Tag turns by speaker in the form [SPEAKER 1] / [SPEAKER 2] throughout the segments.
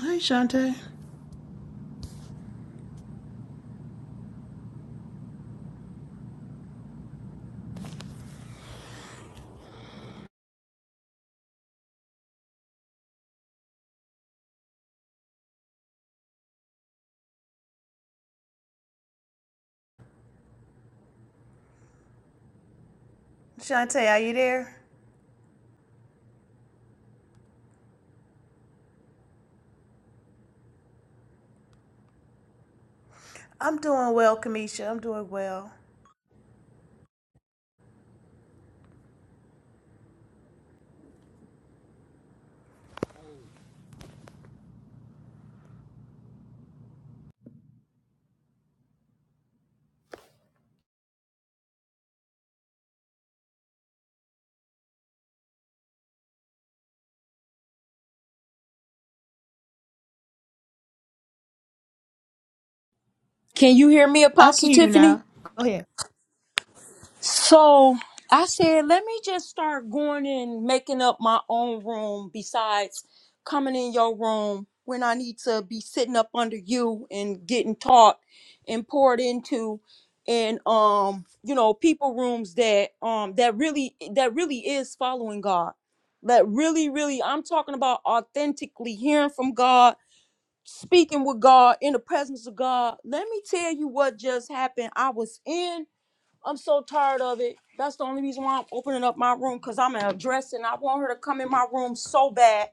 [SPEAKER 1] Hi, Shante. Shantae, are you there? I'm doing well, Kamisha. I'm doing well.
[SPEAKER 2] Can you hear me,
[SPEAKER 1] I
[SPEAKER 2] Apostle
[SPEAKER 1] can hear you
[SPEAKER 2] Tiffany?
[SPEAKER 1] now. Go ahead.
[SPEAKER 2] So I said, let me just start going and making up my own room besides coming in your room when I need to be sitting up under you and getting taught and poured into and um you know people rooms that um that really that really is following God. That really, really, I'm talking about authentically hearing from God speaking with God in the presence of God. Let me tell you what just happened. I was in. I'm so tired of it. That's the only reason why I'm opening up my room because I'm an address it. and I want her to come in my room so bad.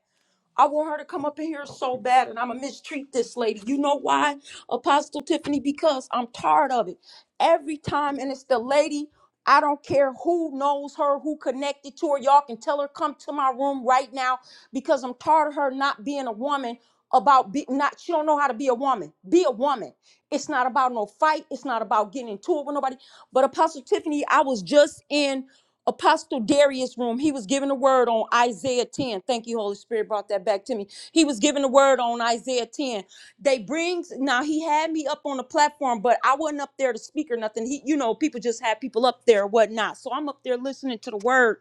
[SPEAKER 2] I want her to come up in here so bad, and I'm gonna mistreat this lady. You know why, Apostle Tiffany? Because I'm tired of it. Every time, and it's the lady. I don't care who knows her, who connected to her. Y'all can tell her come to my room right now because I'm tired of her not being a woman. About be, not, she don't know how to be a woman. Be a woman. It's not about no fight. It's not about getting into it with nobody. But Apostle Tiffany, I was just in. Apostle Darius' room, he was giving a word on Isaiah 10. Thank you, Holy Spirit, brought that back to me. He was giving a word on Isaiah 10. They brings now he had me up on the platform, but I wasn't up there to speak or nothing. He, you know, people just had people up there, or whatnot. So I'm up there listening to the word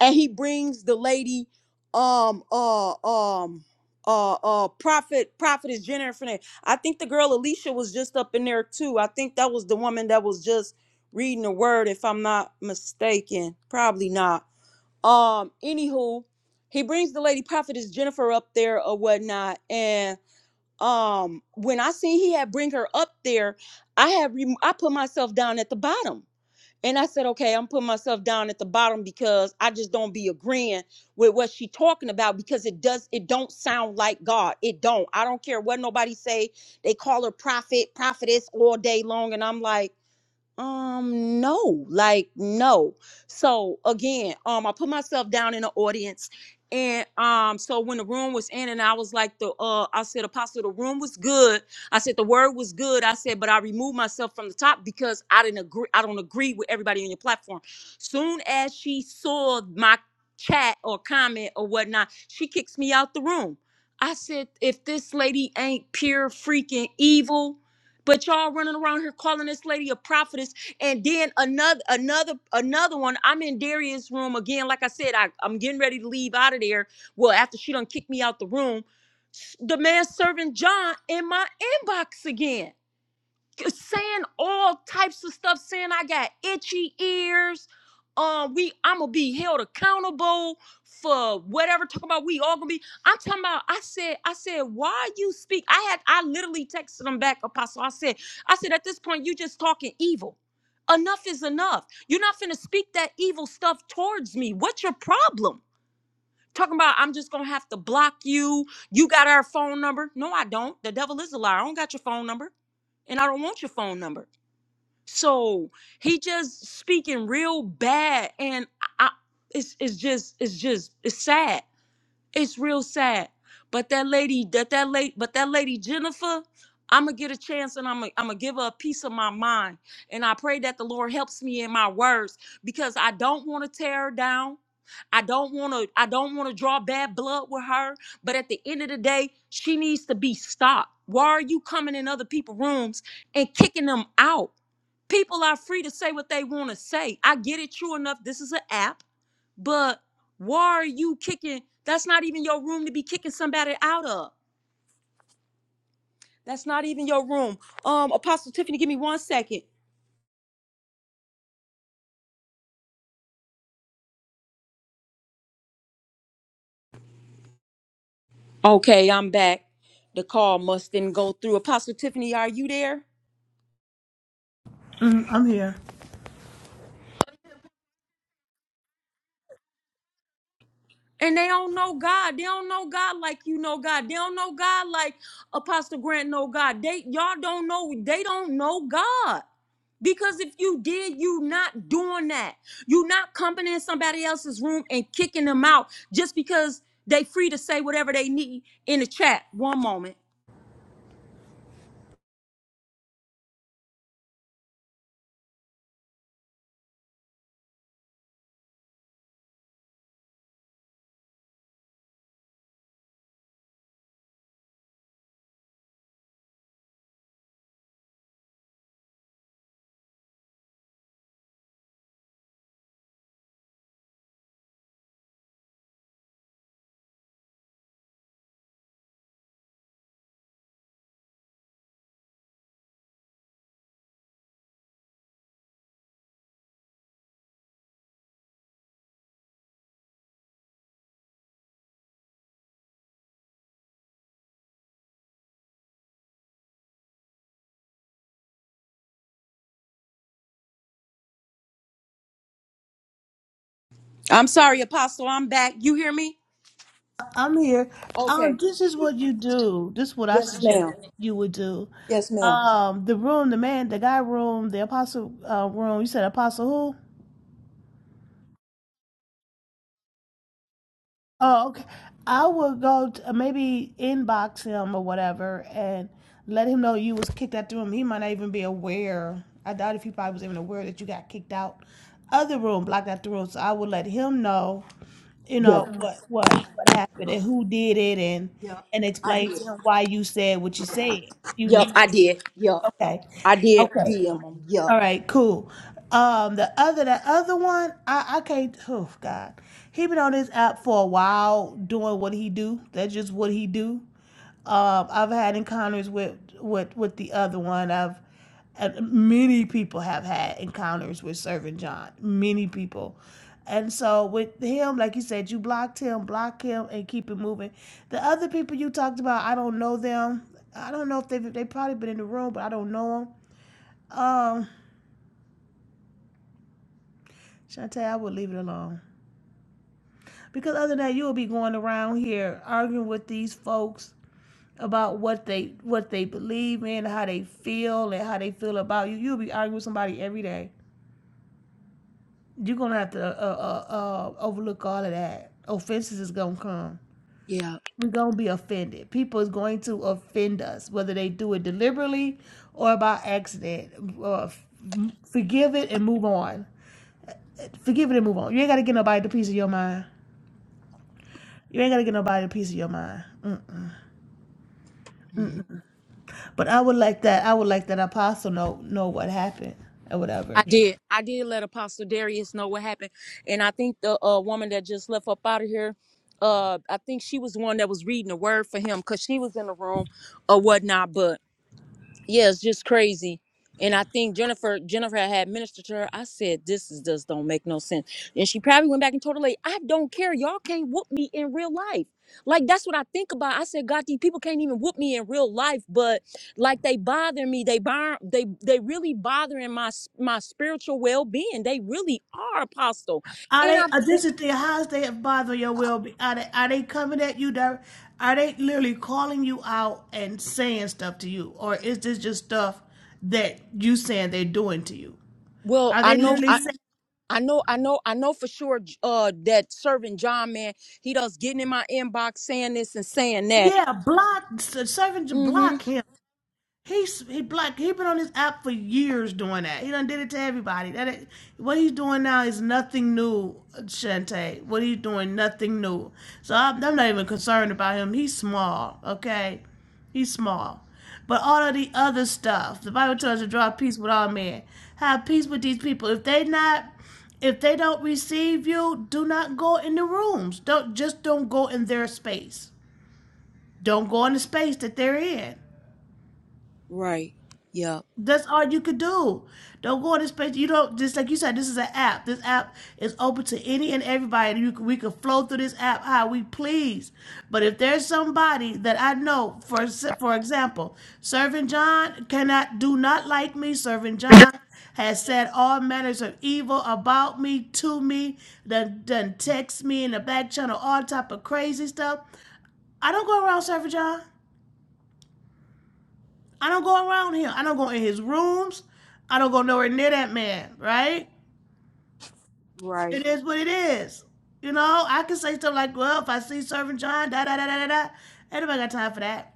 [SPEAKER 2] and he brings the lady um uh um uh uh prophet prophet is jennifer i think the girl alicia was just up in there too i think that was the woman that was just reading the word if i'm not mistaken probably not um anywho he brings the lady prophetess jennifer up there or whatnot and um when i seen he had bring her up there i had rem- i put myself down at the bottom and I said, okay, I'm putting myself down at the bottom because I just don't be agreeing with what she talking about because it does it don't sound like God. It don't. I don't care what nobody say. They call her prophet, prophetess all day long. And I'm like, um no like no so again um i put myself down in the audience and um so when the room was in and i was like the uh i said apostle the room was good i said the word was good i said but i removed myself from the top because i didn't agree i don't agree with everybody on your platform soon as she saw my chat or comment or whatnot she kicks me out the room i said if this lady ain't pure freaking evil but y'all running around here calling this lady a prophetess, and then another, another, another one. I'm in Darius' room again. Like I said, I, I'm getting ready to leave out of there. Well, after she done kicked me out the room, s- the man serving John in my inbox again saying all types of stuff, saying I got itchy ears. Um, we I'm gonna be held accountable for whatever. Talking about we all gonna be. I'm talking about. I said. I said. Why you speak? I had. I literally texted him back, Apostle. I said. I said at this point you just talking evil. Enough is enough. You're not finna speak that evil stuff towards me. What's your problem? Talking about I'm just gonna have to block you. You got our phone number? No, I don't. The devil is a liar. I don't got your phone number, and I don't want your phone number. So he just speaking real bad, and I, it's it's just it's just it's sad. It's real sad. But that lady, that that lady, but that lady Jennifer, I'm gonna get a chance, and I'm gonna I'm gonna give her a piece of my mind, and I pray that the Lord helps me in my words because I don't want to tear her down. I don't want to I don't want to draw bad blood with her, but at the end of the day, she needs to be stopped. Why are you coming in other people's rooms and kicking them out? people are free to say what they want to say. I get it, true enough. This is an app, but why are you kicking? That's not even your room to be kicking somebody out of. That's not even your room. Um, Apostle Tiffany, give me one second. Okay, I'm back. The call must didn't go through. Apostle Tiffany, are you there?
[SPEAKER 1] Mm, I'm here.
[SPEAKER 2] And they don't know God. They don't know God like you know God. They don't know God like Apostle Grant know God. They y'all don't know. They don't know God. Because if you did, you not doing that. You not coming in somebody else's room and kicking them out just because they free to say whatever they need in the chat. One moment. I'm sorry, Apostle. I'm back. You hear me?
[SPEAKER 1] I'm here. Uh,
[SPEAKER 2] Okay.
[SPEAKER 1] this is what you do. This is what I
[SPEAKER 2] Yes,
[SPEAKER 1] suggest
[SPEAKER 2] ma'am.
[SPEAKER 1] you would do.
[SPEAKER 2] Yes, ma'am.
[SPEAKER 1] Um, the room, the man, the guy room, the apostle uh, room. You said apostle who? Oh, okay. I would go to, maybe inbox him or whatever and let him know you was kicked out the room. He might not even be aware. I doubt if he probably was even aware that you got kicked out of the room, blocked out the room. So I would let him know, you know, what what what happened and who did it and
[SPEAKER 2] Yep,
[SPEAKER 1] and
[SPEAKER 2] I
[SPEAKER 1] explain
[SPEAKER 2] did.
[SPEAKER 1] to him why you said what you said. You
[SPEAKER 2] Yep, I
[SPEAKER 1] entitled.
[SPEAKER 2] did. Yep,
[SPEAKER 1] Okay.
[SPEAKER 2] I did.
[SPEAKER 1] Okay.
[SPEAKER 2] DM them.
[SPEAKER 1] All right, cool. Um, the other, the other one, I, I can't. Oh God, he been on this app for a while doing what he do. That's just what he do. Um, I've had encounters with with with the other one. I've and many people have had encounters with Servant John. Many people. And so with him, like you said, you blocked him, block him, and keep it moving. The other people you talked about, I don't know them. I don't know if they they probably been in the room, but I don't know them. Um. Shantae, I would leave it alone. Because other than that, you'll be going around here arguing with these folks about what they what they believe in, how they feel, and how they feel about you. You'll be arguing with somebody every day. You're gonna have to uh, uh, uh, overlook all of that. Offenses is gonna come.
[SPEAKER 2] Yep.
[SPEAKER 1] We're gonna be offended. People is going to offend us, whether they do it deliberately or by accident. Uh, forgive it and move on. Forgive it and move on. You ain't gotta get nobody the piece of your mind. You ain't gotta get nobody a piece of your mind. But I would like that. I would like that apostle know know what happened or
[SPEAKER 2] I
[SPEAKER 1] whatever.
[SPEAKER 2] did. I did let Apostle Darius know what happened. And I think the uh, woman that just left up out of here, uh, I think she was the one that was reading the word for him because she was in the room or whatnot yeah, it's just crazy. And I think Jennifer Jennifer had ministered to her. I said, this is just don't make no sense. And she probably went back and told her, like, I don't care. Y'all can't whoop me in real life. Like that's what I think about. I said, God, these people can't even whoop me in real life, but like they bother me. They bar they they really bothering my s- my spiritual well-being. They really are apostle.
[SPEAKER 1] Are
[SPEAKER 2] And
[SPEAKER 1] they?
[SPEAKER 2] I
[SPEAKER 1] Uh, this is the how's they bother your well Are they? Are they coming at you? Direct, are they literally calling you out and saying stuff to you, or is this just stuff that you saying they're doing to you?
[SPEAKER 2] well,
[SPEAKER 1] Are
[SPEAKER 2] I
[SPEAKER 1] they
[SPEAKER 2] know
[SPEAKER 1] literally
[SPEAKER 2] I Mhm.
[SPEAKER 1] saying,
[SPEAKER 2] I know I know I know for sure uh that servant John man, he does getting in my inbox saying this and saying that
[SPEAKER 1] "Yeah, block servant,
[SPEAKER 2] Mm-hmm.
[SPEAKER 1] block him"? He's he black. He been on this app for years doing that. He done did it to everybody. That it, what he's doing now is nothing new, Shantae. What he's doing, nothing new. So I'm, I'm not even concerned about him. He's small, okay? He's small. But all of the other stuff, the Bible tells you to draw peace with all men. Have peace with these people. If they not, if they don't receive you, do not go in the rooms. Don't just don't go in their space. Don't go in the space that they're in.
[SPEAKER 2] Right. Yep.
[SPEAKER 1] That's all you could do. Don't go on this page. You don't just like you said. This is an app. This app is open to any and everybody. You, we can flow through this app how we please. But if there's somebody that I know, for for example, Servant John cannot do not like me. Servant John has said all manners of evil about me to me. Done done text me in the back channel all type of crazy stuff. I don't go around Servant John. I don't go around him. I don't go in his rooms. I don't go nowhere near that man, right?
[SPEAKER 2] Right.
[SPEAKER 1] It is what it is. You know, I can say stuff like, well, if I see Servant John, da da da da da da. Ain't nobody got time for that.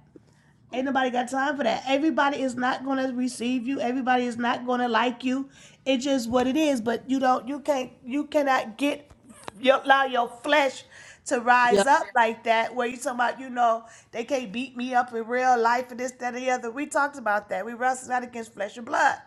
[SPEAKER 1] Ain't nobody got time for that. Everybody is not gonna receive you. Everybody is not gonna like you. It's just what it is. But you don't. You can't. You cannot get. You allow your flesh to
[SPEAKER 2] Yeah.
[SPEAKER 1] rise up like that. Where you talking about? You know they can't beat me up in real life and this, that, and the other. We talked about that. We wrestle not against flesh and blood,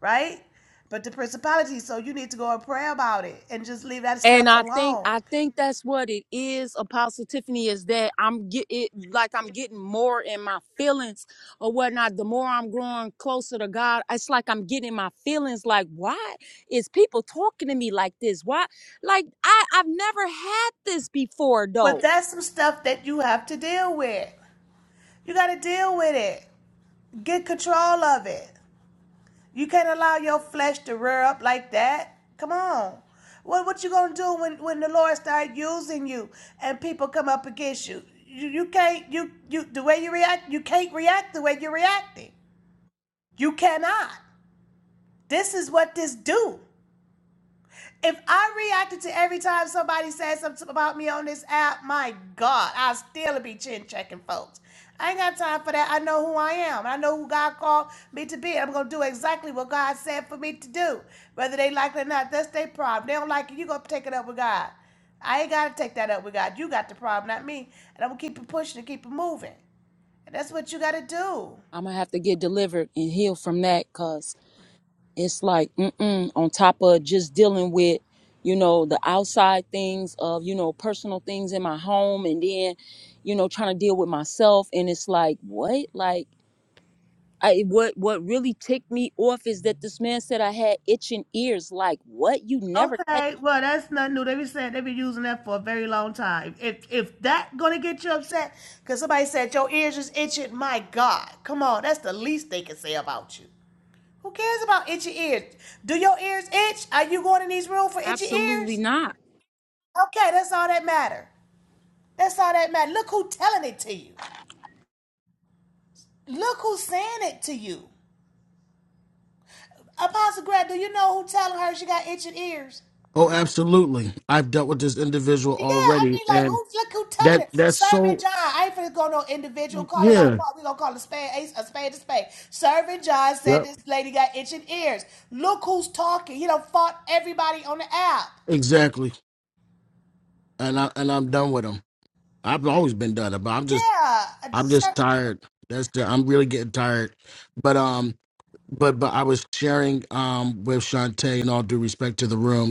[SPEAKER 1] right? But the principality. So you need to go and pray about it and just leave that stuff
[SPEAKER 2] And I think
[SPEAKER 1] alone.
[SPEAKER 2] I think that's what it is, Apostle Tiffany, is that I'm get it like I'm getting more in my feelings or whatnot. The more I'm growing closer to God, it's like I'm getting my feelings like, why is people talking to me like this? Why like I, I've never had this before
[SPEAKER 1] But
[SPEAKER 2] though.
[SPEAKER 1] that's some stuff that you have to deal with. You got to deal with it. Get control of it. You can't allow your flesh to rear up like that. Come on. What what you gonna do when, when the Lord start using you and people come up against you? You you can't you you the way you react, you can't react the way you're reacting. You cannot. This is what this do. If I reacted to every time somebody said something about me on this app, my God, I still be chin checking folks. I ain't got time for that. I know who I am. I know who God called me to be. I'm gonna do exactly what God said for me to do. Whether they like it or not, that's their problem. They don't like it, you gonna take it up with God. I ain't gotta take that up with God. You got the problem, not me. And I'm gonna keep it pushing and keep it moving. And that's what you gotta do.
[SPEAKER 2] I'm gonna have to get delivered and healed from that it's like mm-mm, on top of just dealing with you know the outside things of you know personal things in my home and then you know trying to deal with myself and it's like what like I, what what really ticked me off is that this man said I had itching ears. Like what? You never catch?
[SPEAKER 1] Okay, well that's nothing new. They be saying they be using that for a very long time. If if that gonna get you upset, cause somebody said your ears is itching, my God, come on, that's the least they can say about you. Who cares about itchy ears? Do your ears itch? Are you going in these rooms for itchy
[SPEAKER 2] Absolutely
[SPEAKER 1] ears?
[SPEAKER 2] not.
[SPEAKER 1] Okay, that's all that matter. That's all that matter. Look who telling it to you. Look who's saying it to you. Apostle Grant, do you know who telling her she got itching ears?
[SPEAKER 3] Oh, absolutely. I've dealt with this individual
[SPEAKER 1] Yeah, I
[SPEAKER 3] already,
[SPEAKER 1] mean, like,
[SPEAKER 3] and
[SPEAKER 1] who's look who telling
[SPEAKER 3] that
[SPEAKER 1] it?
[SPEAKER 3] that's
[SPEAKER 1] Serving
[SPEAKER 3] so
[SPEAKER 1] John. I ain't finna go no individual. Call it out.
[SPEAKER 3] yeah.
[SPEAKER 1] Fuck, We gonna call a spade a, a spade a spade. Serving John said
[SPEAKER 3] Yep.
[SPEAKER 1] this lady got itching ears. Look who's talking. He done fought everybody on the app.
[SPEAKER 3] Exactly. And I and I'm done with them. I've always been done, but I'm just
[SPEAKER 1] Yeah, uh,
[SPEAKER 3] I'm just
[SPEAKER 1] Ser-
[SPEAKER 3] tired. That's the, I'm really getting tired. But um, but but I was sharing um with Shantae, in all due respect to the room,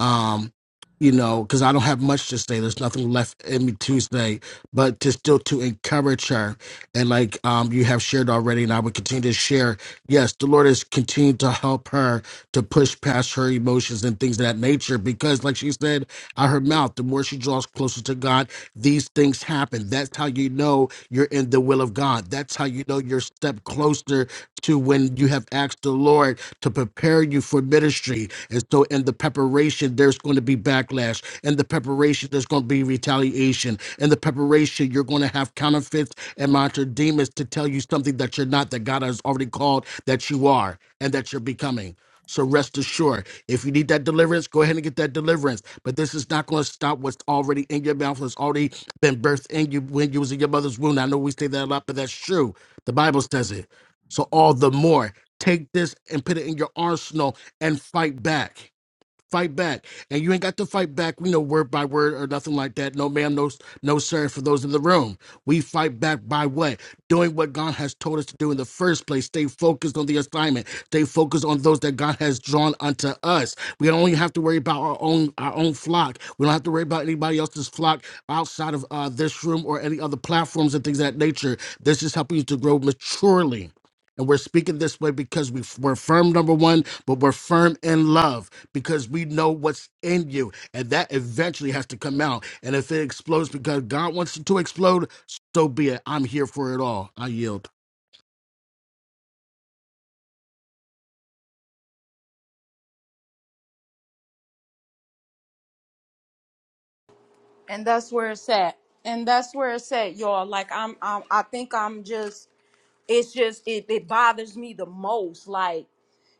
[SPEAKER 3] um you know because i don't have much to say there's nothing left in me tuesday but to still to encourage her and like um you have shared already and i would continue to share yes the lord has continued to help her to push past her emotions and things of that nature because like she said out her mouth the more she draws closer to god these things happen that's how you know you're in the will of god that's how you know you're a step closer to when you have asked the Lord to prepare you for ministry. And so, in the preparation, there's going to be backlash. In the preparation, there's going to be retaliation. In the preparation, you're going to have counterfeits and monitor demons to tell you something that you're not, that God has already called that you are and that you're becoming. So rest assured, if you need that deliverance, go ahead and get that deliverance. But this is not going to stop what's already in your mouth, what's already been birthed in you when you was in your mother's womb. I know we say that a lot, but that's true. The Bible says it. So all the more, take this and put it in your arsenal and fight back. Fight back. And you ain't got to fight back, you know, word by word or nothing like that. No ma'am, no no sir for those in the room. We fight back by what? Doing what God has told us to do in the first place. Stay focused on the assignment. Stay focused on those that God has drawn unto us. We don't only have to worry about our own our own flock. We don't have to worry about anybody else's flock outside of uh, this room or any other platforms and things of that nature. This is helping you to grow maturely and we're speaking this way because we, we're firm, number one, but we're firm in love because we know what's in you. And that eventually has to come out. And if it explodes because God wants it to explode, so be it. I'm here for it all. I yield.
[SPEAKER 2] And that's where it's at. And that's where it's at, y'all. Like I'm, I'm I think I'm just. It's just it, it bothers me the most. Like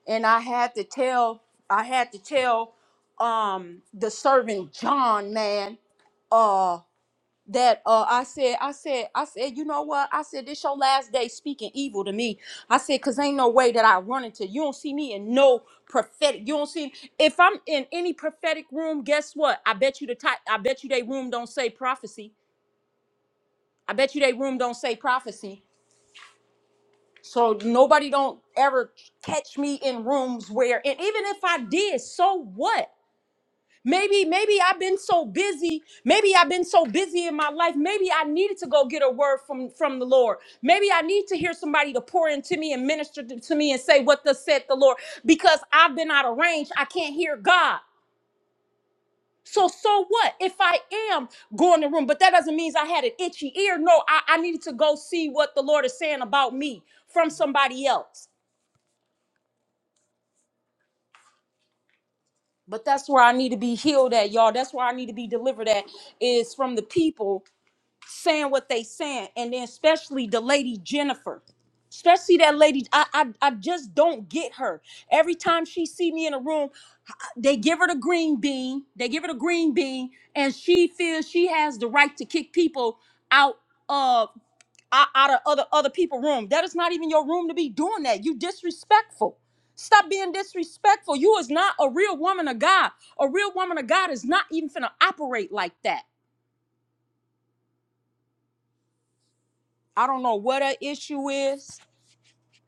[SPEAKER 2] and I had to tell I had to tell um the servant John man uh that uh I said I said I said you know what I said this your last day speaking evil to me I said cuz ain't no way that I run into you don't see me in no prophetic you don't see if I'm in any prophetic room guess what I bet you the type I bet you they room don't say prophecy I bet you they room don't say prophecy So nobody don't ever catch me in rooms where, and even if I did, so what? Maybe, maybe I've been so busy. Maybe I've been so busy in my life. Maybe I needed to go get a word from from the Lord. Maybe I need to hear somebody to pour into me and minister to to me and say what thus said the Lord. Because I've been out of range, I can't hear God. So so what if I am going to room? But that doesn't mean I had an itchy ear. No, I, I needed to go see what the Lord is saying about me from somebody else. But that's where I need to be healed at, y'all. That's where I need to be delivered at is from the people saying what they saying, and then especially the lady Jennifer. Especially that lady, I, I I just don't get her. Every time she see me in a room, they give her the green bean. They give her the green bean, and she feels she has the right to kick people out of out out of other other people's room. That is not even your room to be doing that. You disrespectful. Stop being disrespectful. You is not a real woman of God. A real woman of God is not even finna operate like that. I don't know what her issue is,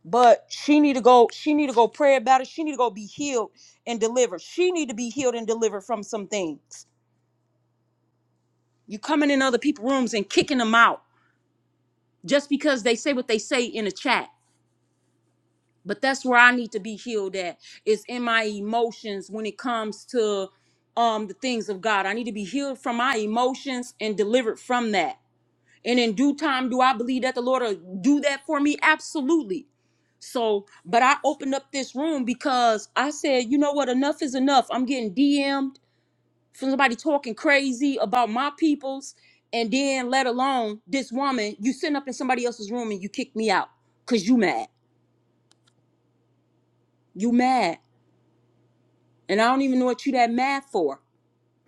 [SPEAKER 2] but she need to go. She need to go pray about it. She need to go be healed and delivered. She need to be healed and delivered from some things. You coming in other people's rooms and kicking them out just because they say what they say in the chat. but that's where i need to be healed at is in my emotions when it comes to um the things of god i need to be healed from my emotions and delivered from that and in due time do i believe that the lord will do that for me absolutely so but i opened up this room because i said you know what enough is enough i'm getting dm'd from somebody talking crazy about my peoples and then let alone this woman you sitting up in somebody else's room and you kick me out because you mad you mad And I don't even know what you that mad for.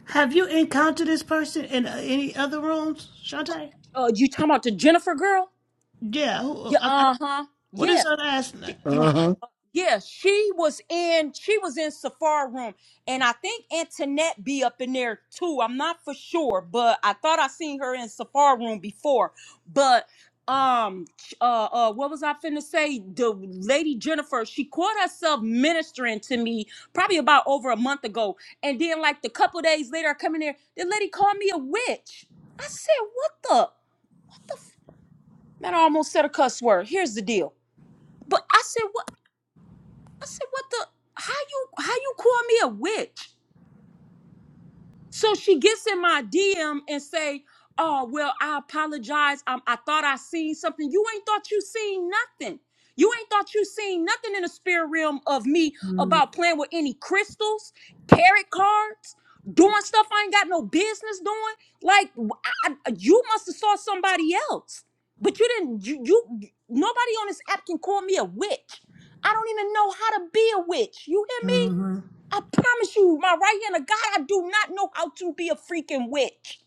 [SPEAKER 1] Have you encountered this person in uh, any other rooms, Shantae?
[SPEAKER 2] Uh, you talking about the Jennifer girl?
[SPEAKER 1] Yeah. Who,
[SPEAKER 2] Yeah,
[SPEAKER 1] uh,
[SPEAKER 2] uh huh.
[SPEAKER 1] what
[SPEAKER 2] Yeah,
[SPEAKER 1] is her last name?
[SPEAKER 2] She-
[SPEAKER 3] Uh huh.
[SPEAKER 2] yeah. She was in. She was in Safari room, and I think Antoinette be up in there too. I'm not for sure, but I thought I seen her in Safari room before. But um, uh, uh, what was I finna say? The lady Jennifer, she caught herself ministering to me probably about over a month ago, and then like the couple days later, I come in there. The lady called me a witch. I said, "What the?" Man, I almost said a cuss word. Here's the deal. But I said, what? I said, what the? How you? How you call me a witch? So she gets in my DM and say, "Oh well, I apologize. Um, I thought I seen something. You ain't thought you seen nothing. You ain't thought you seen nothing in the spirit realm of me about playing with any crystals, tarot cards, doing stuff I ain't got no business doing. Like I, I- you must have saw somebody else, but you didn't. You, you nobody on this app can call me a witch. I don't even know how to be a witch. You hear me? I promise you, my right hand of God, I do not know how to be a freaking witch.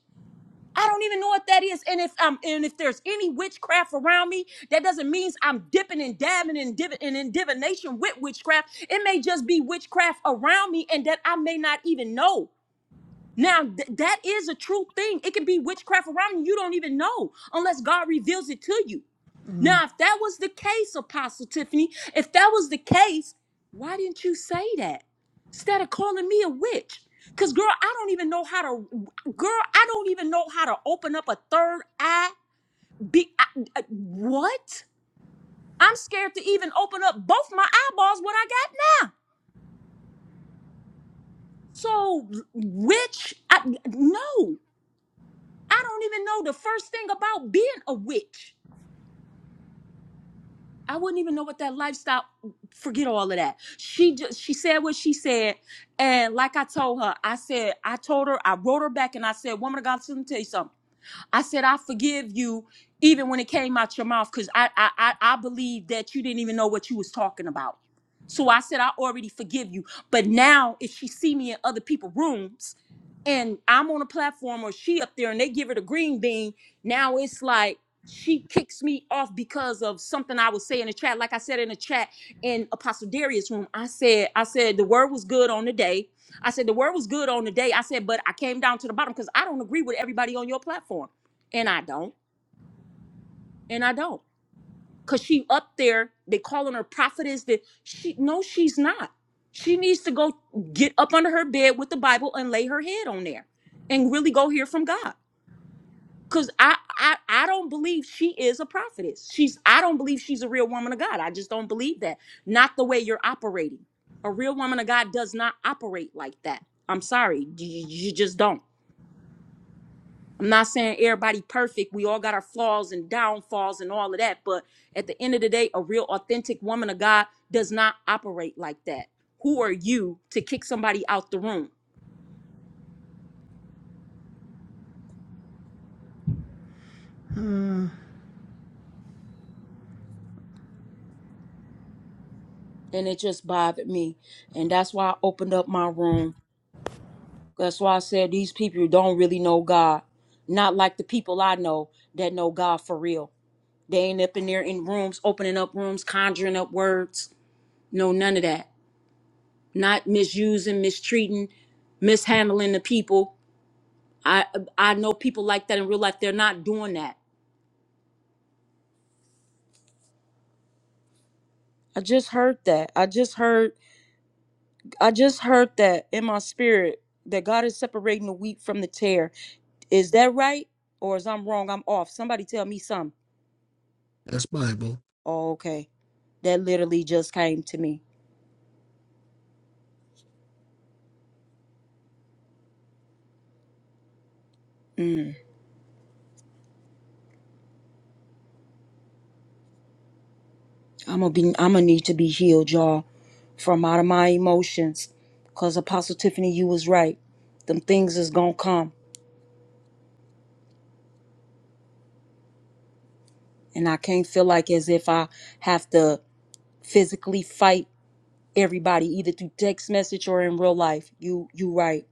[SPEAKER 2] I don't even know what that is. And if um and if there's any witchcraft around me, that doesn't mean I'm dipping and dabbing and div- and in divination with witchcraft. It may just be witchcraft around me and that I may not even know. Now th- that is a true thing. It can be witchcraft around you. You don't even know unless God reveals it to you. Now, if that was the case, Apostle Tiffany, if that was the case, why didn't you say that instead of calling me a witch? Because, girl, I don't even know how to, girl, I don't even know how to open up a third eye. Be, I, I- what? I'm scared to even open up both my eyeballs, what I got now. So, witch, I, no, I don't even know the first thing about being a witch. I wouldn't even know what that lifestyle. Forget all of that. She just she said what she said, and like I told her, I said I told her I wrote her back and I said, "Woman of God, let me tell you something. I said, I forgive you even when it came out your mouth because I, I, I, I believe that you didn't even know what you was talking about. So I said, I already forgive you. But now if she see me in other people's rooms and I'm on a platform or she up there and they give her the green bean, now it's like she kicks me off because of something I was saying in the chat. Like I said in the chat in Apostle Darius' room, I said, I said the word was good on the day. I said the word was good on the day. I said, but I came down to the bottom because I don't agree with everybody on your platform and I don't, and I don't, cause she up there. They calling her prophetess. That she no, she's not. She needs to go get up under her bed with the Bible and lay her head on there, and really go hear from God. Cause I I I don't believe she is a prophetess. She's I don't believe she's a real woman of God. I just don't believe that. Not the way you're operating. A real woman of God does not operate like that. I'm sorry, you you- just don't. I'm not saying everybody perfect. We all got our flaws and downfalls and all of that. But at the end of the day, a real authentic woman of God does not operate like that. Who are you to kick somebody out the room? And it just bothered me. And that's why I opened up my room. That's why I said these people don't really know God. Not like the people I know that know God for real. They ain't up in there in rooms, opening up rooms, conjuring up words. No, none of that. Not misusing, mistreating, mishandling the people I I know people like that in real life. They're not doing that. I just heard that. I just heard I just heard that in my spirit that God is separating the wheat from the tare. Is that right? Or is I'm wrong? I'm off. Somebody tell me something.
[SPEAKER 3] That's Bible.
[SPEAKER 2] Oh, okay. That literally just came to me. Mm. I'm gonna be I'm gonna need to be healed, y'all, from out of my emotions. Cause Apostle Tiffany, you was right. Them things is gonna come. And I can't feel like as if I have to physically fight everybody either through text message or in real life you you right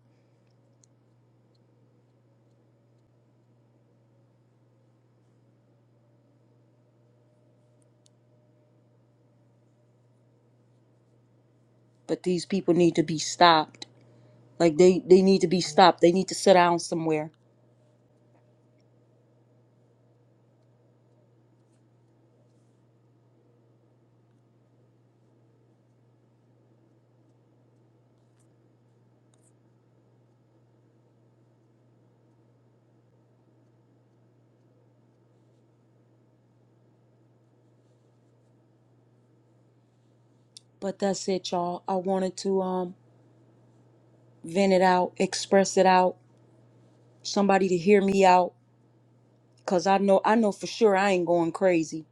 [SPEAKER 2] but these people need to be stopped like they they need to be stopped they need to sit down somewhere but that's it y'all i wanted to um vent it out express it out somebody to hear me out because i know i know for sure i ain't going crazy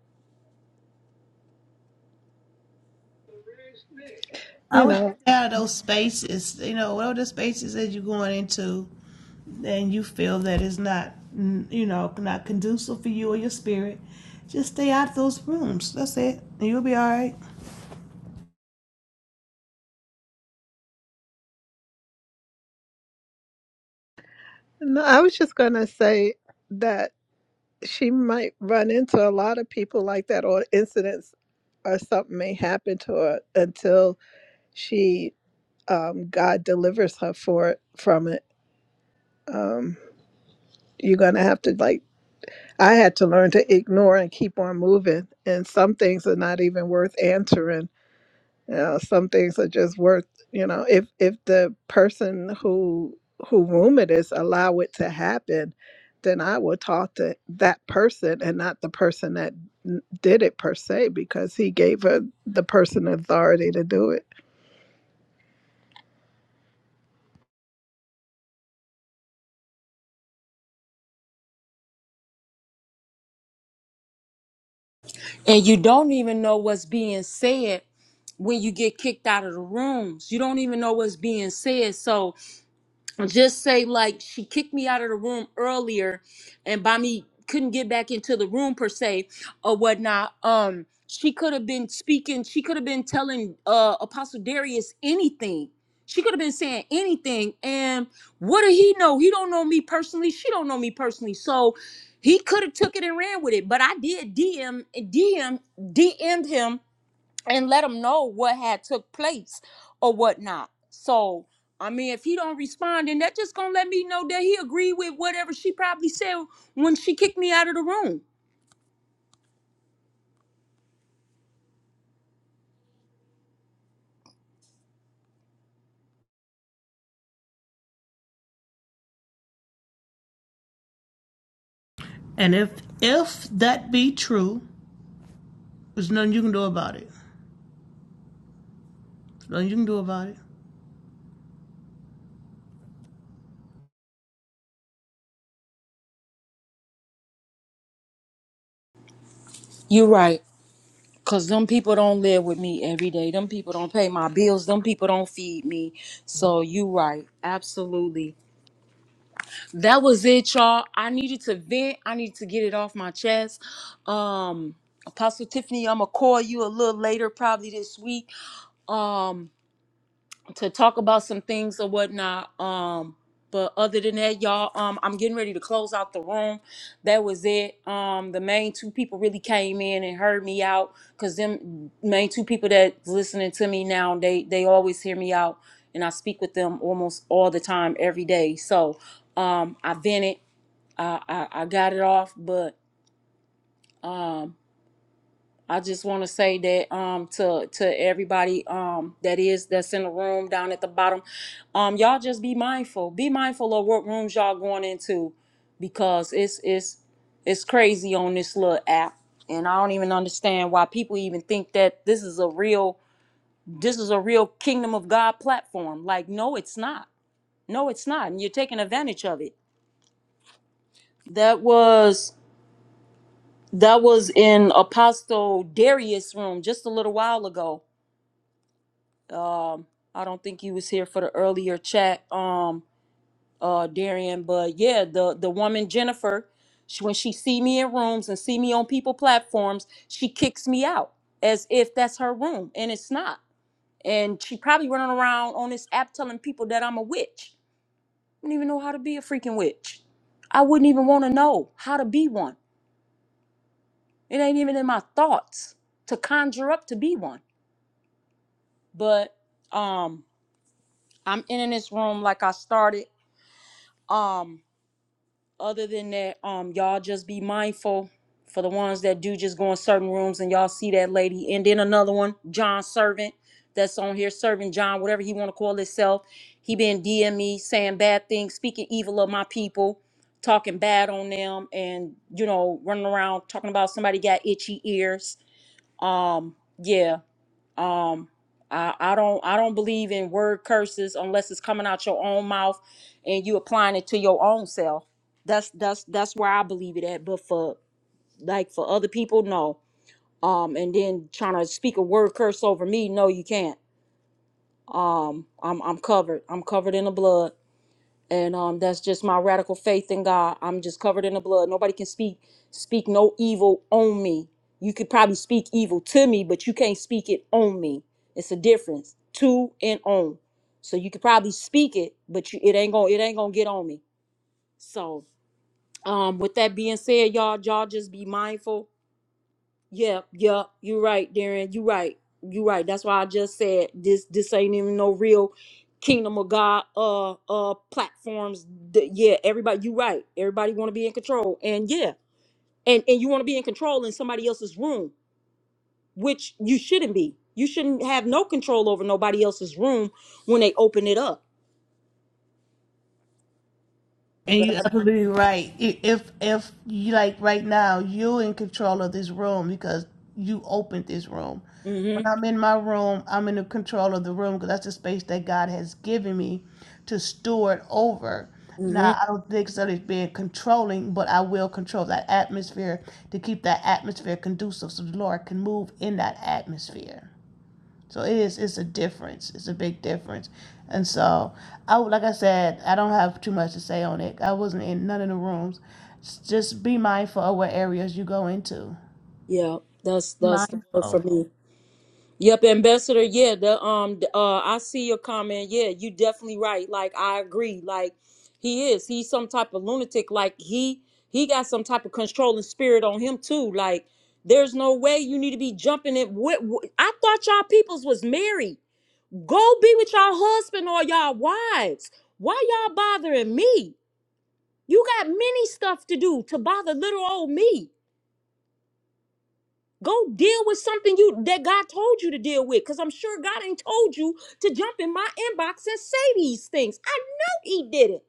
[SPEAKER 1] I
[SPEAKER 4] You
[SPEAKER 1] would
[SPEAKER 4] know,
[SPEAKER 1] just stay out of those spaces. You know, whatever the spaces that you're going into. and you feel that it's not, mm, you know, not conducive for you or your spirit, just stay out of those rooms. That's it. And you'll be all right.
[SPEAKER 4] no, I was just going to say that she might run into a lot of people like that, or incidents or something may happen to her until she, um, God delivers her for it, from it. Um, you're going to have to, like, I had to learn to ignore and keep on moving. And some things are not even worth answering you know, some things are just worth you know if if the person who who room it is allow it to happen then i will talk to that person and not the person that n- did it per se because he gave her the person authority to do it
[SPEAKER 2] and you don't even know what's being said when you get kicked out of the rooms you don't even know what's being said so just say like she kicked me out of the room earlier and by me couldn't get back into the room per se or whatnot um she could have been speaking she could have been telling uh apostle darius anything she could have been saying anything and what did he know he don't know me personally she don't know me personally so he could have took it and ran with it but i did dm dm dm'd him and let him know what had took place or whatnot. So I mean, if he don't respond, then that just gonna let me know that he agreed with whatever she probably said when she kicked me out of the room.
[SPEAKER 1] And if if that be true, there's nothing you can do about it. There's nothing you can do about it.
[SPEAKER 2] You're right, cause them people don't live with me every day. Them people don't pay my bills. Them people don't feed me. So you right, absolutely. That was it, y'all. I needed to vent. I needed to get it off my chest. Um, Apostle Tiffany, I'ma call you a little later, probably this week. Um, to talk about some things or whatnot. Um, but other than that, y'all, um, I'm getting ready to close out the room. That was it. Um, the main two people really came in and heard me out, cause them main two people that's listening to me now, they they always hear me out, and I speak with them almost all the time, every day. So, um, I vented, I I, I got it off, but. um. I just want to say that um to to everybody um that is that's in the room down at the bottom, um y'all just be mindful. Be mindful of what rooms y'all going into, because it's it's it's crazy on this little app, and I don't even understand why people even think that this is a real this is a real Kingdom of God platform. Like no, it's not. No, it's not, and you're taking advantage of it. That was that was in Apostle Darius' room just a little while ago um i don't think he was here for the earlier chat um uh darian but yeah the the woman jennifer she, when she see me in rooms and see me on people platforms she kicks me out as if that's her room and it's not and she probably running around on this app telling people that i'm a witch i don't even know how to be a freaking witch i wouldn't even want to know how to be one it ain't even in my thoughts to conjure up to be one but um i'm in this room like i started um Other than that, um, y'all just be mindful for the ones that do just go in certain rooms and y'all see that lady. And then another one, John Servant, that's on here, Servant John, whatever he want to call himself. He been DM'ing me saying bad things, speaking evil of my people, talking bad on them, and you know running around talking about somebody got itchy ears. Um, yeah. Um, I, I don't I don't believe in word curses unless it's coming out your own mouth and you applying it to your own self. That's that's that's where I believe it at. But for like for other people, no. Um, and then trying to speak a word curse over me, no, you can't. Um, I'm I'm covered. I'm covered in the blood and um, that's just my radical faith in God. I'm just covered in the blood. Nobody can speak speak no evil on me. You could probably speak evil to me, but you can't speak it on me. It's a difference, to and on. So you could probably speak it, but you, it ain't gonna it ain't gonna get on me. So um, with that being said, y'all y'all just be mindful yeah, yeah, you're right, Darren. You're right. You're right. That's why I just said this this ain't even no real kingdom of God uh uh platforms. Th- Yeah, everybody you're right. Everybody wanna be in control. And yeah, and and you wanna be in control in somebody else's room, which you shouldn't be. You shouldn't have no control over nobody else's room when they open it up.
[SPEAKER 1] And you're absolutely right. I- If if you like right now, you're in control of this room because you opened this room. When
[SPEAKER 2] Mm-hmm.
[SPEAKER 1] I'm in my room, I'm in the control of the room because that's the space that God has given me to steward over.
[SPEAKER 2] Mm-hmm.
[SPEAKER 1] Now, I don't think so. It's being controlling, but I will control that atmosphere to keep that atmosphere conducive so the Lord can move in that atmosphere. So it is it's a difference. It's a big difference. And so I like I said, I don't have too much to say on it. I wasn't in none of the rooms. S- Just be mindful of what areas you go into.
[SPEAKER 2] Yeah, that's that's the word for me. Yep, Ambassador. Yeah, the um, the, uh, I see your comment. Yeah, you definitely right. Like I agree. Like he is. He's some type of lunatic. Like he he got some type of controlling spirit on him too. Like there's no way you need to be jumping in. What, I thought y'all peoples was married. Go be with y'all husband or y'all wives. Why y'all bothering me? You got many stuff to do to bother little old me. Go deal with something you that God told you to deal with. Cause I'm sure God ain't told you to jump in my inbox and say these things. I know he did it.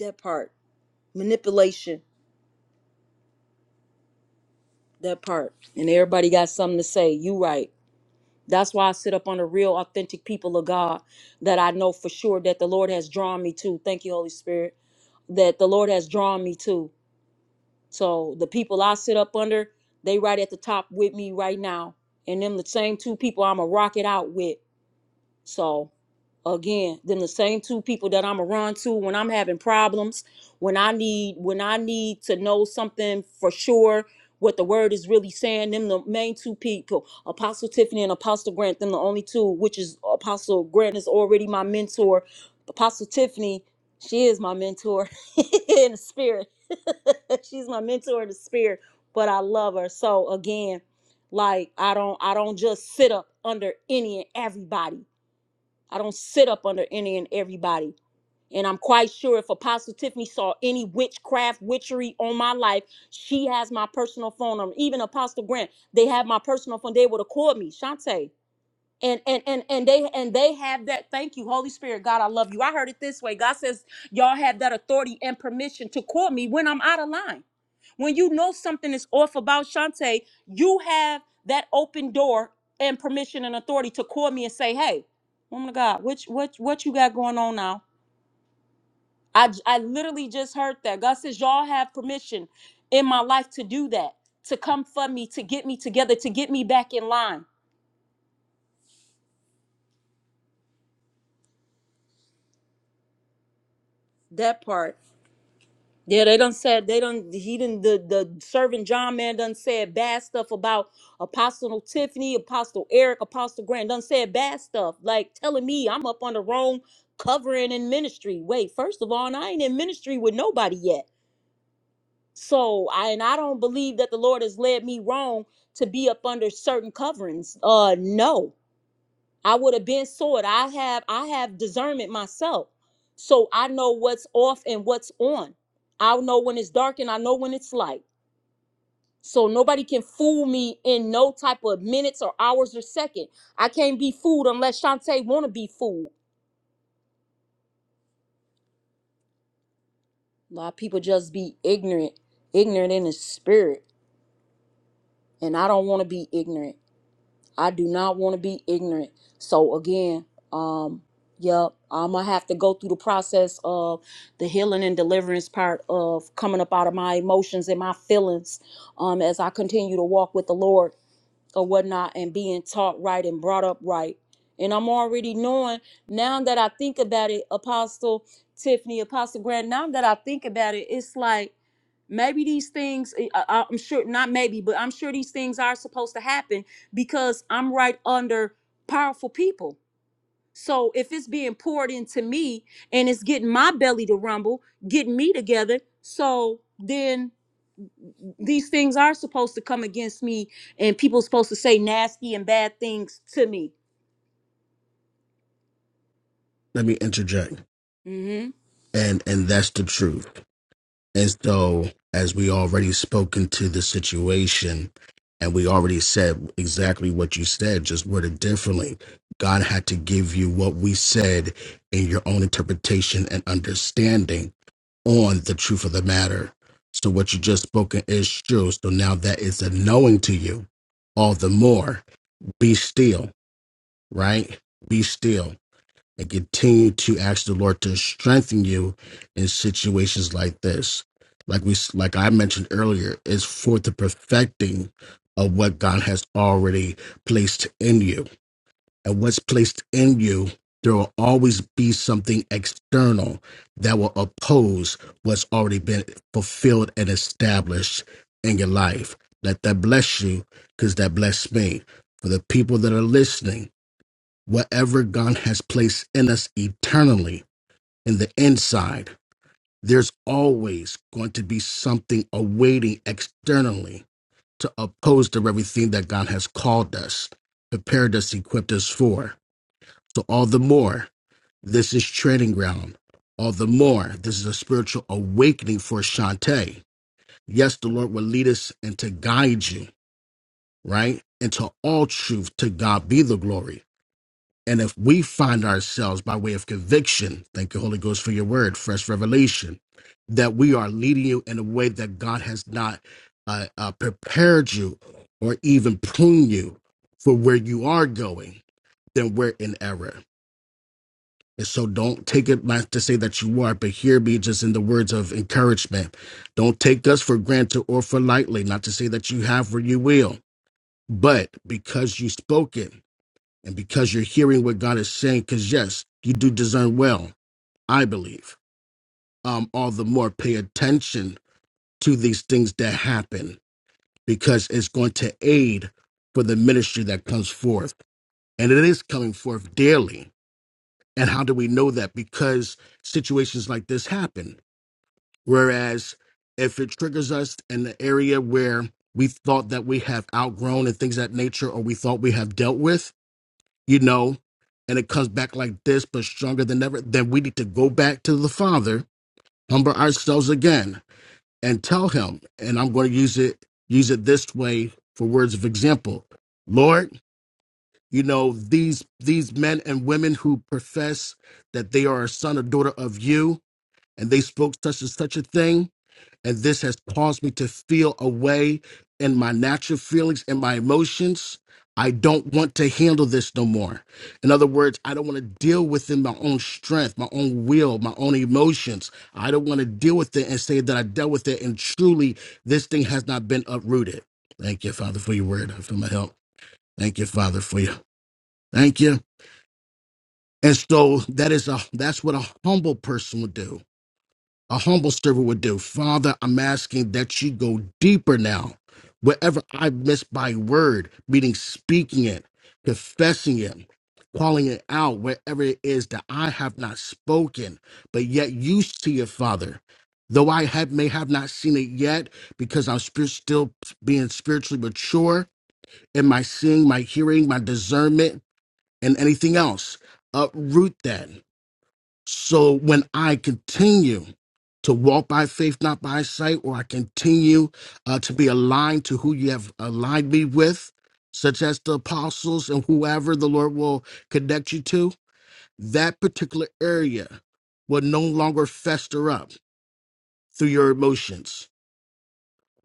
[SPEAKER 2] That part. Manipulation. That part. And everybody got something to say. You right. That's why I sit up on the real authentic people of God that I know for sure that the Lord has drawn me to. Thank you, Holy Spirit. That the Lord has drawn me to. So the people I sit up under, they right at the top with me right now. And them the same two people I'ma rock it out with. So again them the same two people that i'm around to when i'm having problems when i need when i need to know something for sure what the word is really saying them the main two people apostle tiffany and apostle grant them the only two which is apostle grant is already my mentor apostle tiffany she is my mentor in the spirit she's my mentor in the spirit but i love her so again like i don't i don't just sit up under any and everybody I don't sit up under any and everybody. And I'm quite sure if Apostle Tiffany saw any witchcraft, witchery on my life, she has my personal phone number. Even Apostle Grant, they have my personal phone. They would have called me, Shantae. And and and and they and they have that. Thank you, Holy Spirit, God, I love you. I heard it this way. God says y'all have that authority and permission to call me when I'm out of line. When you know something is off about Shantae, you have that open door and permission and authority to call me and say, "Hey, woman of God, which what what you got going on now?" I j- I literally just heard that God says y'all have permission in my life to do that, to come for me, to get me together, to get me back in line. That part. Yeah, they done said they done he didn't the the servant John man done said bad stuff about Apostle Tiffany, Apostle Eric, Apostle Grant done said bad stuff like telling me I'm up on the wrong covering in ministry. Wait, first of all, and I ain't in ministry with nobody yet. So I and I don't believe that the Lord has led me wrong to be up under certain coverings. Uh, no. I would have been sold. I have I have discernment myself. So I know what's off and what's on. I know when it's dark and I know when it's light. So nobody can fool me in no type of minutes or hours or second. I can't be fooled unless Shantae wanna be fooled. A lot of people just be ignorant, ignorant in the spirit. And I don't want to be ignorant. I do not want to be ignorant. So again, um, yep, I'm gonna have to go through the process of the healing and deliverance part of coming up out of my emotions and my feelings um, as I continue to walk with the Lord or whatnot and being taught right and brought up right. And I'm already knowing now that I think about it, Apostle Tiffany, Apostle Grant, now that I think about it, it's like maybe these things, eh, I, I- I'm sure, not maybe, but I'm sure these things are supposed to happen because I'm right under powerful people. So if it's being poured into me and it's getting my belly to rumble, getting me together, so then these things are supposed to come against me and people supposed to say nasty and bad things to me
[SPEAKER 3] Let me interject.
[SPEAKER 2] hmm
[SPEAKER 3] And and that's the truth. as though as we already spoken to the situation and we already said exactly what you said just worded differently god had to give you what we said in your own interpretation and understanding on the truth of the matter so what you just spoken is true so now that is a knowing to you all the more be still right be still and continue to ask the Lord to strengthen you in situations like this. Like we, like I mentioned earlier, is for the perfecting of what God has already placed in you, and what's placed in you. There will always be something external that will oppose what's already been fulfilled and established in your life. Let that bless you, because that blessed me. For the people that are listening, whatever God has placed in us eternally in the inside, there's always going to be something awaiting externally to oppose to everything that God has called us, prepared us, equipped us for. So, all the more, this is training ground. All the more, this is a spiritual awakening for Shantae. Yes, the Lord will lead us and to guide you, right? Into all truth, to God be the glory And if we find ourselves by way of conviction, thank you, Holy Ghost, for your word, fresh revelation, that we are leading you in a way that God has not uh, uh, prepared you or even pruned you for where you are going, then we're in error. And so don't take it not to say that you are, but hear me just in the words of encouragement. Don't take us for granted or for lightly, not to say that you have or you will, but because you spoke it and because you're hearing what God is saying, because yes, you do discern well, I believe, um, all the more pay attention to these things that happen because it's going to aid for the ministry that comes forth. And it is coming forth daily. And how do we know that? Because situations like this happen. Whereas if it triggers us in the area where we thought that we have outgrown and things of that nature, or we thought we have dealt with, you know, and it comes back like this, but stronger than ever, then we need to go back to the Father, humble ourselves again, and tell him, and I'm going to use it use it this way for words of example. Lord, you know, these these men and women who profess that they are a son or daughter of you, and they spoke such and such a thing, and this has caused me to feel a way in my natural feelings and my emotions. I don't want to handle this no more. In other words, I don't want to deal within my own strength, my own will, my own emotions. I don't want to deal with it and say that I dealt with it and truly this thing has not been uprooted. Thank you, Father, for your word, for my help. Thank you, Father, for you. Thank you. And so that is a that's what a humble person would do a humble servant would do. Father, I'm asking that you go deeper now. Whatever I've missed by word, meaning speaking it, confessing it, calling it out, wherever it is that I have not spoken, but yet you see it, Father. Though I have, may have not seen it yet, because I'm spirit, still being spiritually mature in my seeing, my hearing, my discernment, and anything else. Uproot that. So when I continue to walk by faith, not by sight, or I continue uh, to be aligned to who you have aligned me with, such as the apostles and whoever the Lord will connect you to, that particular area will no longer fester up through your emotions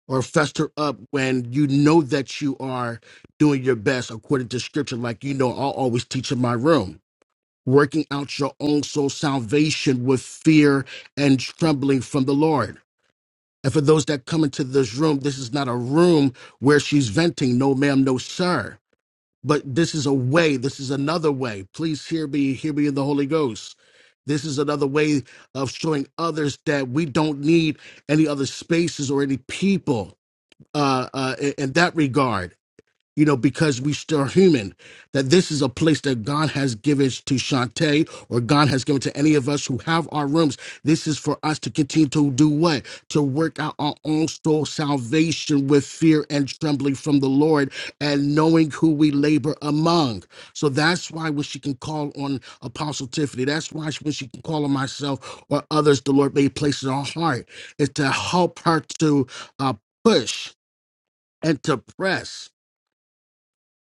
[SPEAKER 3] or fester up when you know that you are doing your best according to scripture, like you know, I'll always teach in my room working out your own soul salvation with fear and trembling from the Lord. And for those that come into this room, this is not a room where she's venting, no ma'am, no sir. But this is a way, this is another way. Please hear me, hear me in the Holy Ghost. This is another way of showing others that we don't need any other spaces or any people uh, uh, in in that regard you know, because we still are human, that this is a place that God has given to Shantae or God has given to any of us who have our rooms. This is for us to continue to do what? To work out our own soul salvation with fear and trembling from the Lord and knowing who we labor among. So that's why when she can call on Apostle Tiffany, that's why she- when she can call on myself or others, the Lord may place in our heart is to help her to uh, push and to press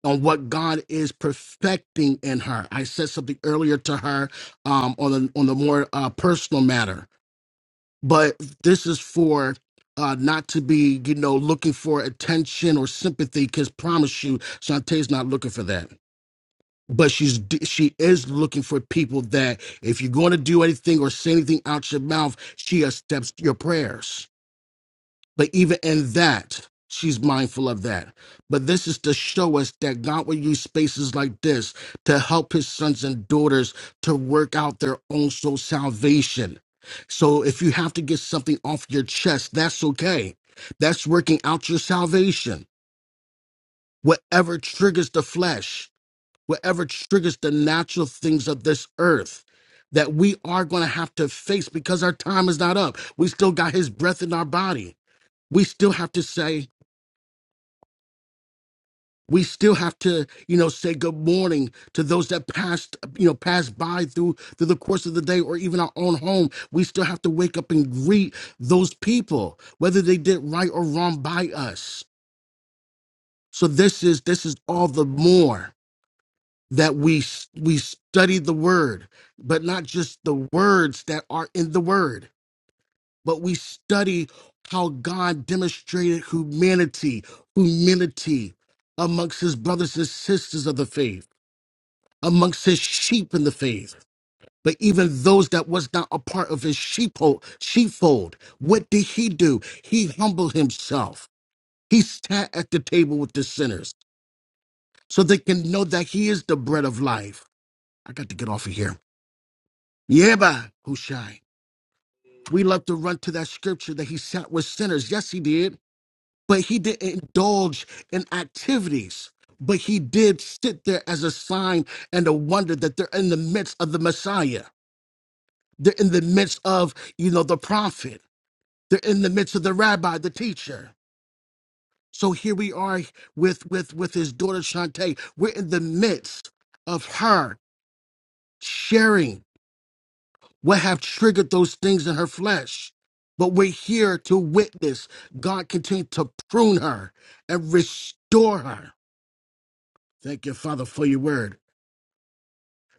[SPEAKER 3] on what God is perfecting in her. I said something earlier to her um, on the on the more uh, personal matter, but this is for uh, not to be you know looking for attention or sympathy. Because promise you, Shantae's not looking for that. But she's she is looking for people that if you're going to do anything or say anything out your mouth, she accepts your prayers but even in that, she's mindful of that. But this is to show us that God will use spaces like this to help his sons and daughters to work out their own soul salvation. So if you have to get something off your chest, that's okay. That's working out your salvation. Whatever triggers the flesh, whatever triggers the natural things of this earth that we are going to have to face because our time is not up. We still got his breath in our body. We still have to say, we still have to you know say good morning to those that passed you know passed by through through the course of the day or even our own home we still have to wake up and greet those people whether they did right or wrong by us so this is this is all the more that we s- we study the word but not just the words that are in the word but we study how god demonstrated humanity humility amongst his brothers and sisters of the faith amongst his sheep in the faith. But even those that was not a part of his sheepfold, sheepfold, what did he do? He humbled himself. He sat at the table with the sinners so they can know that he is the bread of life. I got to get off of here. Yeah, bah, Hushai. We love to run to that scripture that he sat with sinners. Yes, he did. But he didn't indulge in activities. But he did sit there as a sign and a wonder that they're in the midst of the Messiah. They're in the midst of, you know, the prophet. They're in the midst of the rabbi, the teacher. So here we are with with with his daughter Shantae. We're in the midst of her sharing what have triggered those things in her flesh. But we're here to witness God continue to prune her and restore her. Thank you, Father, for your word.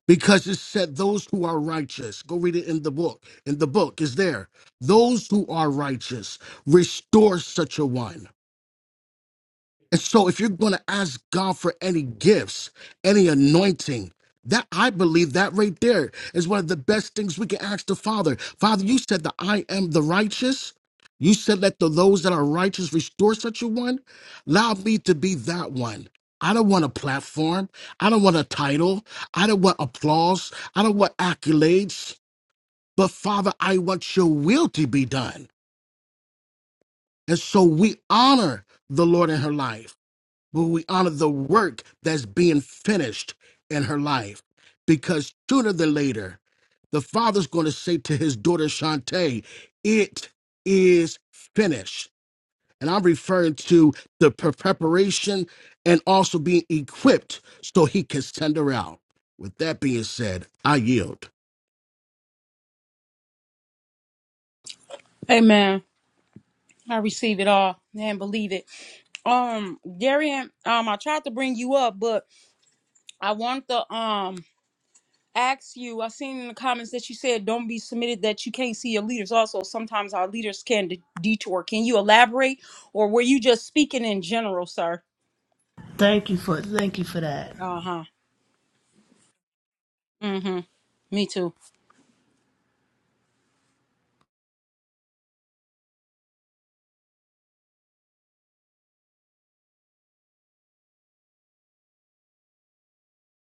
[SPEAKER 3] because it said those who are righteous go read it in the book in the book is there those who are righteous restore such a one and so if you're going to ask God for any gifts, any anointing, that I believe that right there is one of the best things we can ask the Father. Father, you said that I am the righteous. You said let the those that are righteous restore such a one. Allow me to be that one. I don't want a platform. I don't want a title. I don't want applause. I don't want accolades. But Father, I want your will to be done. And so we honor the Lord in her life but we honor the work that's being finished in her life. Because sooner than later, the father's going to say to his daughter Shantae, It is finished. And I'm referring to the pre- preparation and also being equipped so he can send her out. With that being said, I yield.
[SPEAKER 2] Amen. I receive it all and believe it. Um, Darian, um, I tried to bring you up, but I want to um ask you. I seen in the comments that you said don't be submitted that you can't see your leaders. Also, sometimes our leaders can de- detour. Can you elaborate, or were you just speaking in general, sir?
[SPEAKER 1] Thank you for thank you for that.
[SPEAKER 2] Uh huh. Mm hmm. Me too.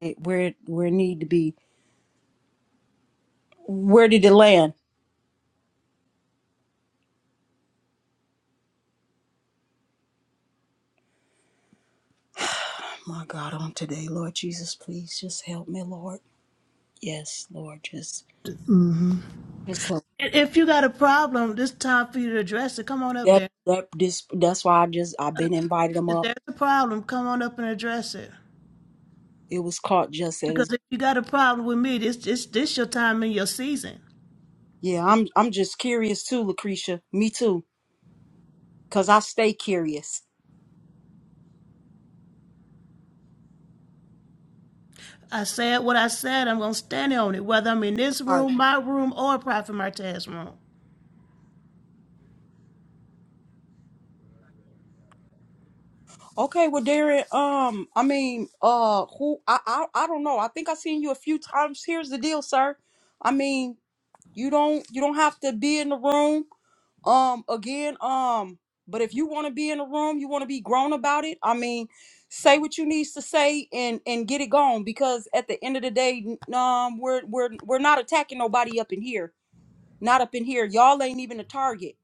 [SPEAKER 2] It- Where where it need to be? Where did it land? My God, on today, Lord Jesus, please just help me, Lord. Yes, Lord, just
[SPEAKER 1] Mhm.
[SPEAKER 2] just help.
[SPEAKER 1] And If you got a problem, this time for you to address it. Come on up
[SPEAKER 2] That
[SPEAKER 1] there.
[SPEAKER 2] that this that's why I just I've been invited them
[SPEAKER 1] If
[SPEAKER 2] up.
[SPEAKER 1] there's a problem, come on up and address it.
[SPEAKER 2] It was caught just
[SPEAKER 1] Because
[SPEAKER 2] as
[SPEAKER 1] if you got a problem with me, this this this your time and your season.
[SPEAKER 2] yeah. I'm I'm just curious too, Lucretia. Me too, cause I stay curious.
[SPEAKER 1] I said what I said. I'm gonna stand on it, whether I'm in this
[SPEAKER 2] All right.
[SPEAKER 1] room, my room, or Prophet Martez's room.
[SPEAKER 2] Okay, well, Darren. Um, I mean, uh, who I I I don't know. I think I seen you a few times. Here's the deal, sir. I mean, you don't you don't have to be in the room. Um, again, um, but if you want to be in the room, you want to be grown about it. I mean, say what you needs to say and and get it gone because at the end of the day, n- um, we're we're we're not attacking nobody up in here. Not up in here. Y'all ain't even the target.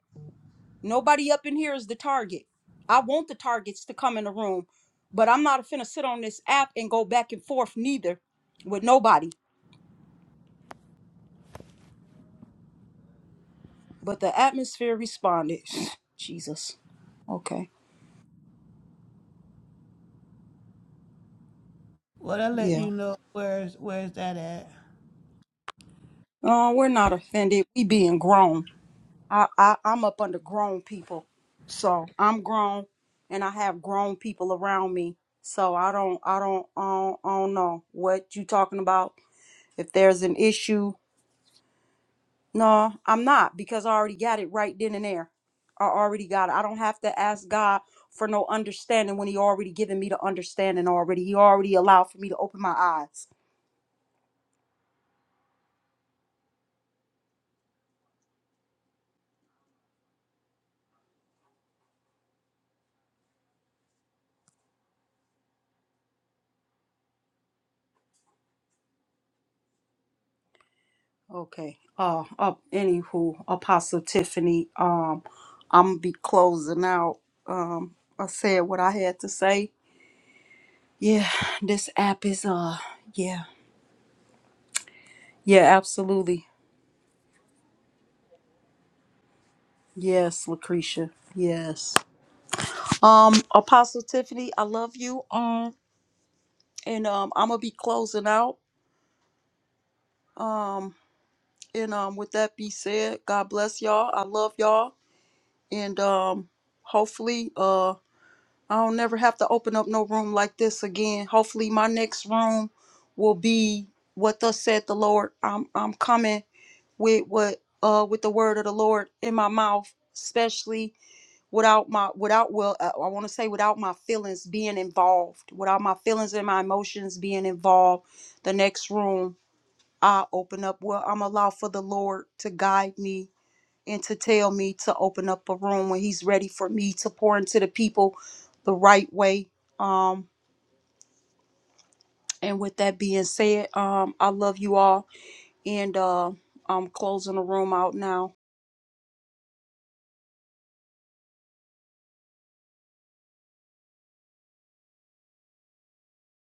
[SPEAKER 2] Nobody up in here is the target. I want the targets to come in the room, but I'm not finna sit on this app and go back and forth neither with nobody. But the atmosphere responded. Jesus. Okay.
[SPEAKER 1] Well, I let
[SPEAKER 2] Yeah.
[SPEAKER 1] you know where's where's that at.
[SPEAKER 2] Oh, we're not offended. We being grown. I, I I'm up under grown people, so I'm grown, and I have grown people around me. So I don't I don't I don't, I don't know what you talking about. If there's an issue, no, I'm not because I already got it right then and there. I already got it. I don't have to ask God for no understanding when He already given me the understanding already. He already allowed for me to open my eyes. Okay. Uh, uh anywho, Apostle Tiffany, um, I'm gonna be closing out. Um, I said what I had to say. Yeah, this app is uh yeah. Yeah, absolutely. Yes, Lucretia. Yes. Um, Apostle Tiffany, I love you. Um, and um I'm gonna be closing out. Um, and um with that be said, God bless y'all. I love y'all. And um hopefully Uh. I don't never have to open up no room like this again. Hopefully my next room will be what thus said the Lord. I'm I'm coming with what uh with the word of the Lord in my mouth, especially without my without well uh, I want to say without my feelings being involved, without my feelings and my emotions being involved. The next room I open up well I'm allow for the Lord to guide me and to tell me to open up a room when he's ready for me to pour into the people the right way. Um, and with that being said, um, I love you all, and uh, I'm closing the room out now.